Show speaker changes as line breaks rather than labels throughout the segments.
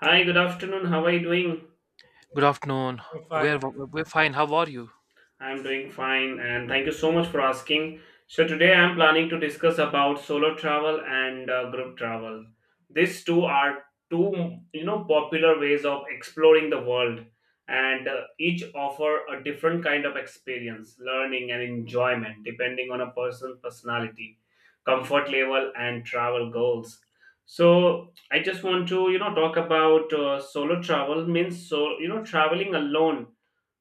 Hi, good afternoon. How are you doing?
Good afternoon. We're
Fine.
we're fine. How are you?
I'm doing fine and thank you so much for asking. So, today I'm planning to discuss about solo travel and group travel. These two are two, you know, popular ways of exploring the world and each offer a different kind of experience, learning and enjoyment depending on a person's personality, comfort level and travel goals. So, I just want to, you know, talk about solo travel means so, you know, traveling alone,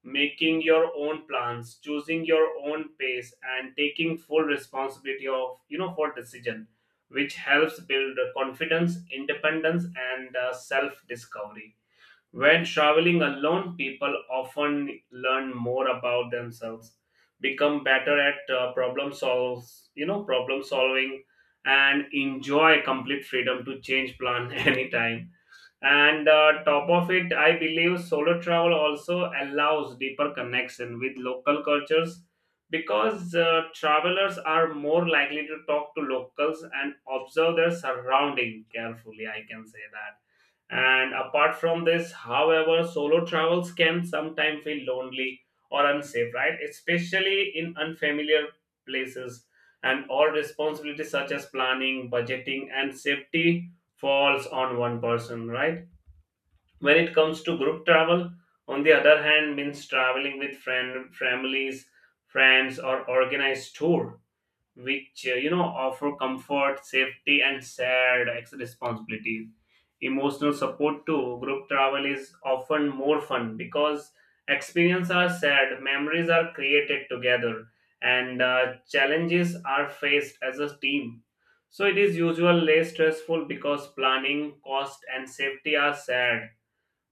making your own plans, choosing your own pace and taking full responsibility of, you know, for decision, which helps build confidence, independence and self discovery. When traveling alone, people often learn more about themselves, become better at problem solves you know problem solving and enjoy complete freedom to change plan anytime. And top of it, I believe solo travel also allows deeper connection with local cultures because travelers are more likely to talk to locals and observe their surrounding carefully. I can say that. And apart from this, however, solo travels can sometimes feel lonely or unsafe, right? Especially in unfamiliar places, and all responsibilities such as planning, budgeting, and safety falls on one person, right? When it comes to group travel, on the other hand, means traveling with friend, families, friends, or organized tour, which you know, offer comfort, safety, and shared responsibilities. Emotional support too. Group travel is often more fun because experiences are shared, memories are created together, and challenges are faced as a team. So it is usually less stressful because planning, cost, and safety are shared,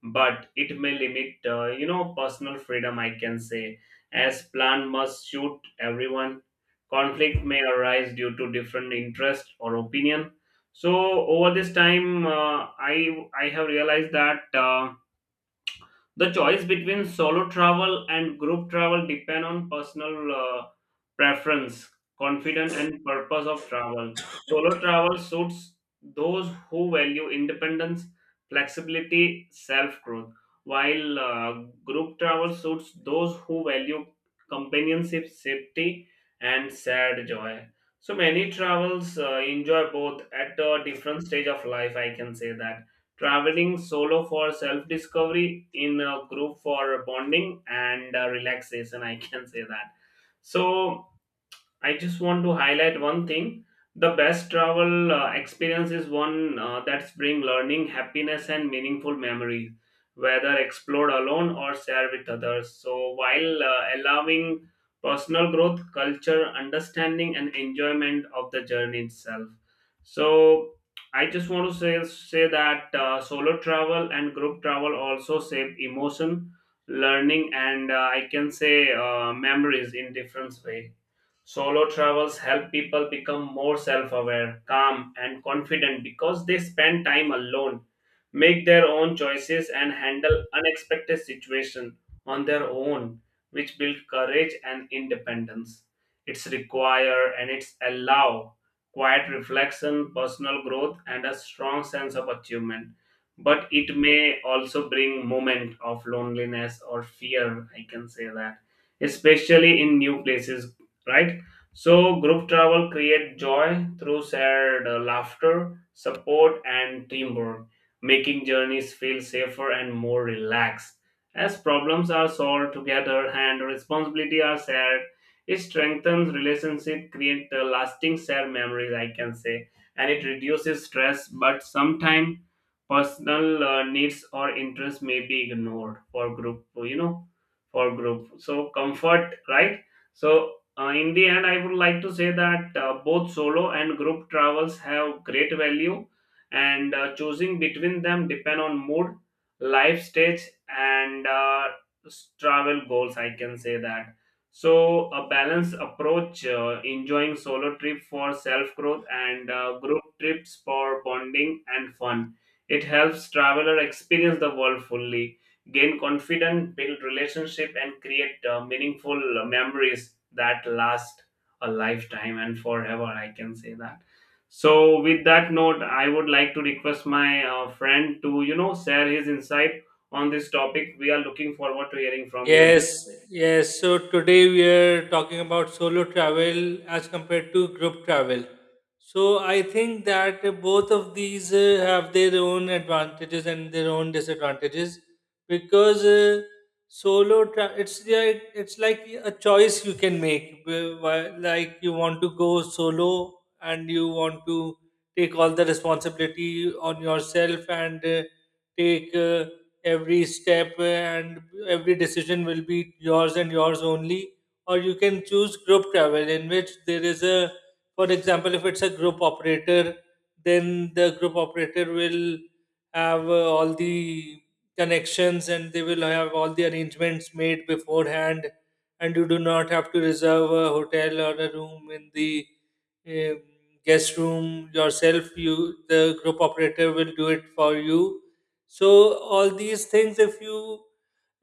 but it may limit you know, personal freedom, I can say, as plan must suit everyone. Conflict may arise due to different interest or opinion. So over this time, I have realized that the choice between solo travel and group travel depend on personal preference, confidence, and purpose of travel. Solo travel suits those who value independence, flexibility, self-growth, while group travel suits those who value companionship, safety, and shared joy. So many travels enjoy both at a different stage of life. I can say that traveling solo for self discovery, in a group for bonding and relaxation. I can say that. So, I just want to highlight one thing. The best travel experience is one that's bring learning, happiness, and meaningful memories, whether explored alone or shared with others. So while allowing personal growth, culture, understanding, and enjoyment of the journey itself. So I just want to say that solo travel and group travel also shape emotion, learning, and I can say, memories in different way. Solo travels help people become more self aware, calm, and confident because they spend time alone, make their own choices, and handle unexpected situations on their own, which build courage and independence. It's require and it's allow quiet reflection, personal growth, and a strong sense of achievement. But it may also bring moment of loneliness or fear, I can say that, especially in new places, right? So, group travel creates joy through shared laughter, support, and teamwork, making journeys feel safer and more relaxed. As problems are solved together and responsibility are shared, it strengthens relationship, create lasting shared memories, I can say, and it reduces stress. But sometimes personal needs or interests may be ignored for group, you know, for group. So comfort, right? So in the end, I would like to say that both solo and group travels have great value, and choosing between them depend on mood, life stage, and travel goals. I can say that. So a balanced approach, enjoying solo trip for self growth and group trips for bonding and fun. It helps traveler experience the world fully, gain confidence, build relationship, and create meaningful memories that last a lifetime and forever. I can say that. So, with that note, I would like to request my friend to, you know, share his insight on this topic. We are looking forward to hearing from you.
Yes, yes. So today we are talking about solo travel as compared to group travel. So I think that both of these have their own advantages and their own disadvantages because it's like a choice you can make. Like you want to go solo and you want to take all the responsibility on yourself and take. Every step and every decision will be yours and yours only, or you can choose group travel in which there is a, for example, if it's a group operator, then the group operator will have all the connections and they will have all the arrangements made beforehand, and you do not have to reserve a hotel or a room in the um, guest room yourself. You, the group operator will do it for you. So all these things, if you,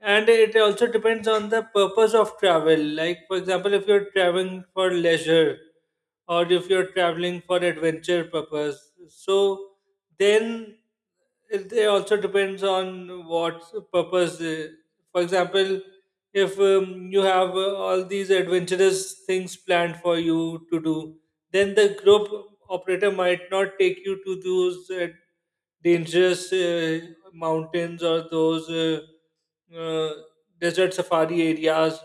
and it also depends on the purpose of travel. Like for example, if you're traveling for leisure or if you're traveling for adventure purpose, so then it also depends on what purpose. For example, if you have all these adventurous things planned for you to do, then the group operator might not take you to those dangerous mountains or those uh, desert safari areas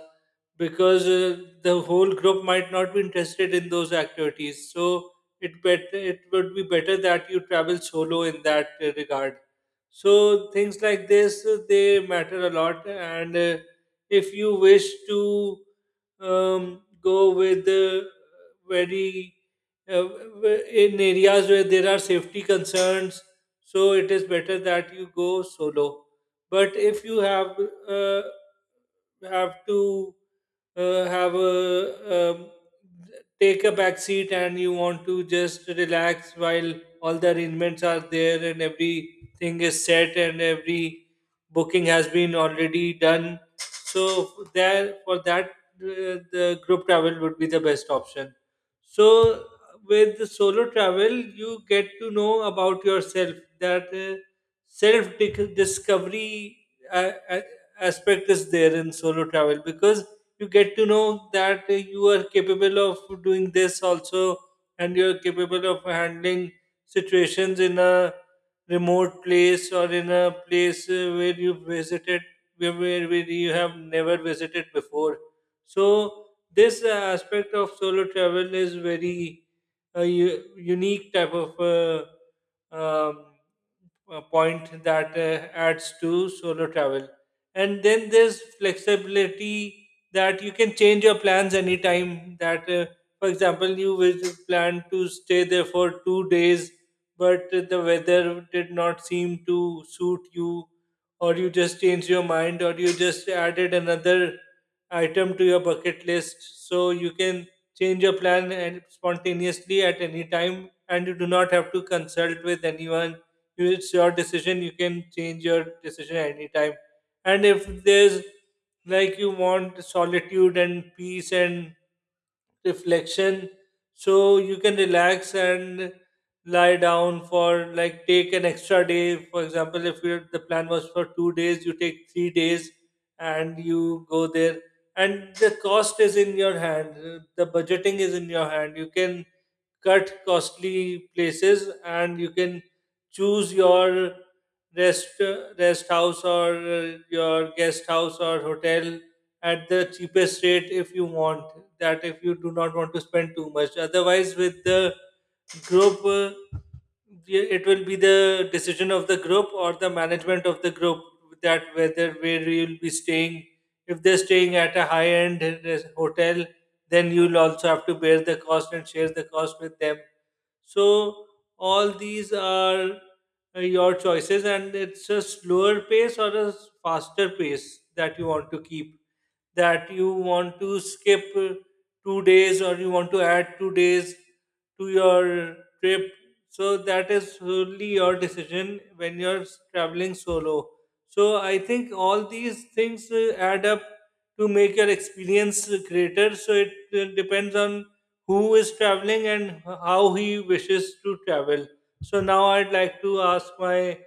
because the whole group might not be interested in those activities. So it would be better that you travel solo in that regard. So things like this they matter a lot, and if you wish to go with very uh, in areas where there are safety concerns, so it is better that you go solo. But if you uh, have to have a, um, take a back seat and you want to just relax while all the arrangements are there and everything is set and every booking has been already done, so there, for that the group travel would be the best option. So with the solo travel, you get to know about yourself, that self discovery uh, uh, aspect is there in solo travel, because you get to know that you are capable of doing this also, and you're capable of handling situations in a remote place or in a place where you have never visited before. So this aspect of solo travel is very, unique type of point that adds to solo travel. And then there's flexibility that you can change your plans anytime. For example, you was plan to stay there for 2 days, but the weather did not seem to suit you, or you just changed your mind, or you just added another item to your bucket list. So you can change your plan and spontaneously at any time, and you do not have to consult with anyone. It's your decision, you can change your decision anytime. And if there's, like, you want solitude and peace and reflection, so you can relax and lie down for, like, take an extra day. For example, if you, the plan was for 2 days, you take 3 days and you go there. And the cost is in your hand, the budgeting is in your hand, you can cut costly places, and you can choose your rest rest house or your guest house or hotel at the cheapest rate if you want that, if you do not want to spend too much. Otherwise, with the group, yeah, it will be the decision of the group or the management of the group, that whether where you'll be staying. If they're staying at a high end hotel, then you'll also have to bear the cost and share the cost with them. So all these are your choices, and it's a slower pace or a faster pace that you want to keep, that you want to skip 2 days or you want to add 2 days to your trip. So that is solely your decision when you're traveling solo. So I think all these things add up to make your experience greater. So it depends on who is traveling and how he wishes to travel. So now I'd like to ask my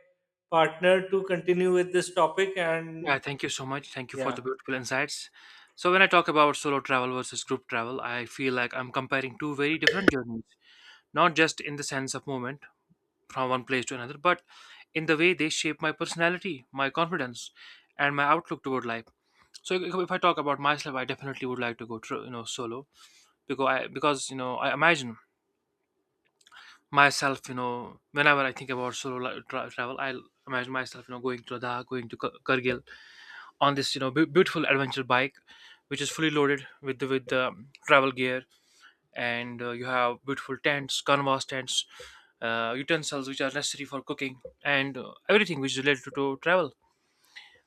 partner to continue with this topic and
Yeah, thank you so much. Thank you for the
yeah.
beautiful insights. So when I talk about solo travel versus group travel, I feel like I'm comparing two very different journeys, not just in the sense of movement from one place to another, but in the way they shape my personality, my confidence, and my outlook toward life. So if I talk about myself, I definitely would like to go, solo because I imagine myself, whenever I think about solo travel, I imagine myself, going to Ladakh, going to Kargil, on this beautiful adventure bike which is fully loaded with with the travel gear, and you have beautiful tents, canvas tents, utensils which are necessary for cooking, and everything which is related to travel.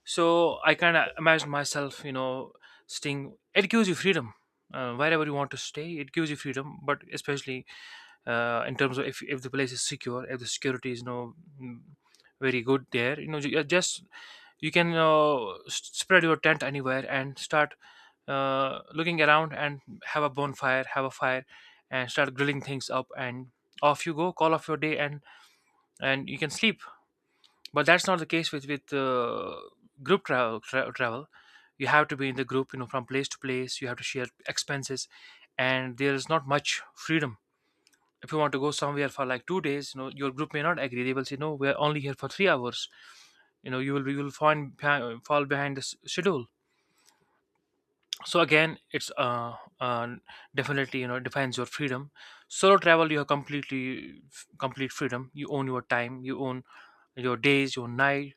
So I kind of imagine myself, staying. It gives you freedom. Wherever you want to stay, it gives you freedom, but especially in terms of if the place is secure, if the security is, mm, very good there, just you can spread your tent anywhere and start looking around, and have a bonfire, have a fire, and start grilling things up, and off you go, call off your day, and you can sleep. But that's not the case with group travel. You have to be in the group, you know, from place to place you have to share expenses, and there is not much freedom. If you want to go somewhere for like 2 days, you know, your group may not agree. They will say, no, we're only here for 3 hours. You know, you will fall behind the schedule. So again, it's definitely, you know, defines your freedom. Solo travel, you have complete freedom. You own your time, you own your days, your night.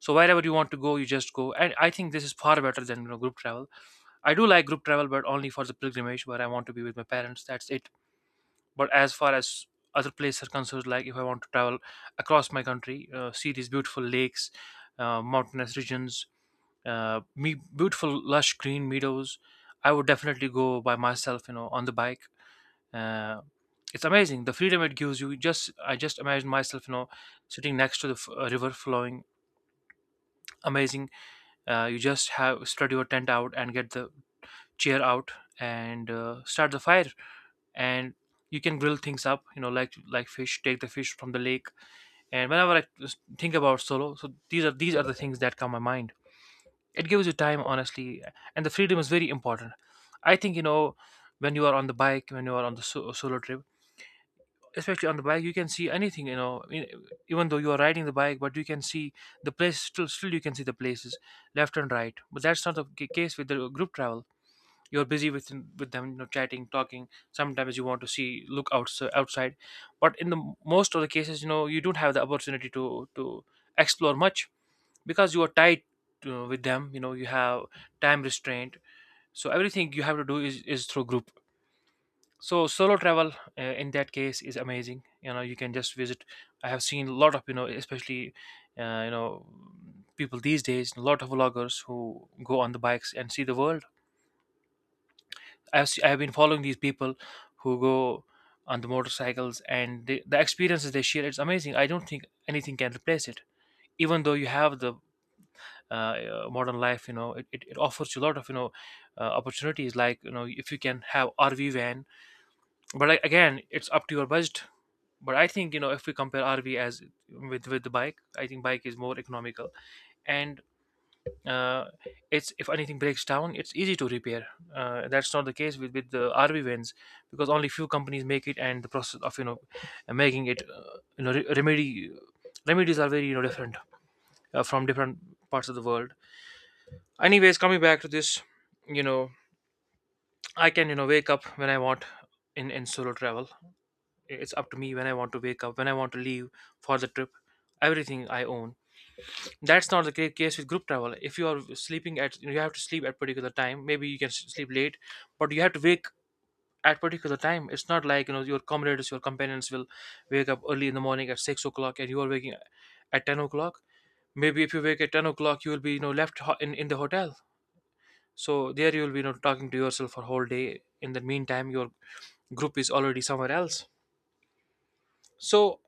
So wherever you want to go, you just go. And I think this is far better than, you know, group travel. I do like group travel, but only for the pilgrimage where I want to be with my parents. That's it. But as far as other places are concerned, like if I want to travel across my country, see these beautiful lakes, mountainous regions, me beautiful lush green meadows, I would definitely go by myself, you know, on the bike. uh, it's amazing, the freedom it gives you. Just I just imagine myself, you know, sitting next to the river flowing, amazing. You just have spread your tent out and get the chair out, and start the fire, and you can grill things up, you know, like fish, take the fish from the lake. And whenever I just think about solo, so these are the things that come my mind. It gives you time, honestly, and the freedom is very important, I think. You know, when you are on the bike, when you are on the solo trip, especially on the bike, you can see anything, you know. I mean, even though you are riding the bike, but you can see the place, still you can see the places left and right. But that's not the case with the group travel. You're busy with them, you know, chatting, talking. Sometimes you want to see look outs- outside, but in the most of the cases, you know, you don't have the opportunity to explore much because you are tied with them. You know, you have time restraint, so everything you have to do is through group. So solo travel, in that case, is amazing. You know, you can just visit. I have seen a lot of, you know, especially, uh, you know people these days, a lot of vloggers who go on the bikes and see the world. I've been following these people who go on the motorcycles, and the experiences they share. It's amazing. I don't think anything can replace it. Even though you have the modern life, you know, it offers you a lot of, you know, opportunities. Like, you know, if you can have RV van. But like, again, it's up to your budget. But I think, you know, if we compare RV as with the bike, I think bike is more economical. And uh, it's if anything breaks down, it's easy to repair. That's not the case with the RV vans because only few companies make it, and the process of, you know, making it, you know, re- remedy remedies are very, you know, different from different parts of the world. Anyways, coming back to this, you know, I can, you know, wake up when I want in solo travel. It's up to me when I want to wake up, when I want to leave for the trip. Everything I own. That's not the case with group travel. If you are sleeping at, you have to sleep at particular time. Maybe you can sleep late, but you have to wake at particular time. It's not like, you know, your comrades, your companions will wake up early in the morning at 6 o'clock, and you are waking at 10 o'clock. Maybe if you wake at 10 o'clock, you will be, you know, left in the hotel. So there you will be, you know, talking to yourself for whole day. In the meantime, your group is already somewhere else. So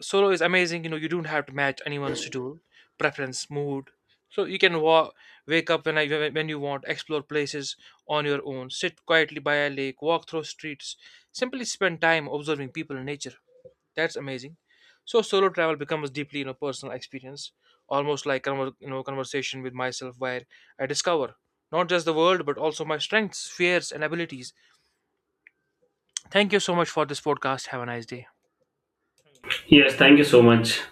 solo is amazing. You know, you don't have to match anyone's schedule, preference, mood. So you can wake up when I when you want, explore places on your own, sit quietly by a lake, walk through streets, simply spend time observing people and nature. That's amazing. So solo travel becomes deeply, you know, personal experience, almost like conversation with myself where I discover not just the world but also my strengths, fears, and abilities. Thank you so much for this podcast. Have a nice day.
Yes, thank you so much.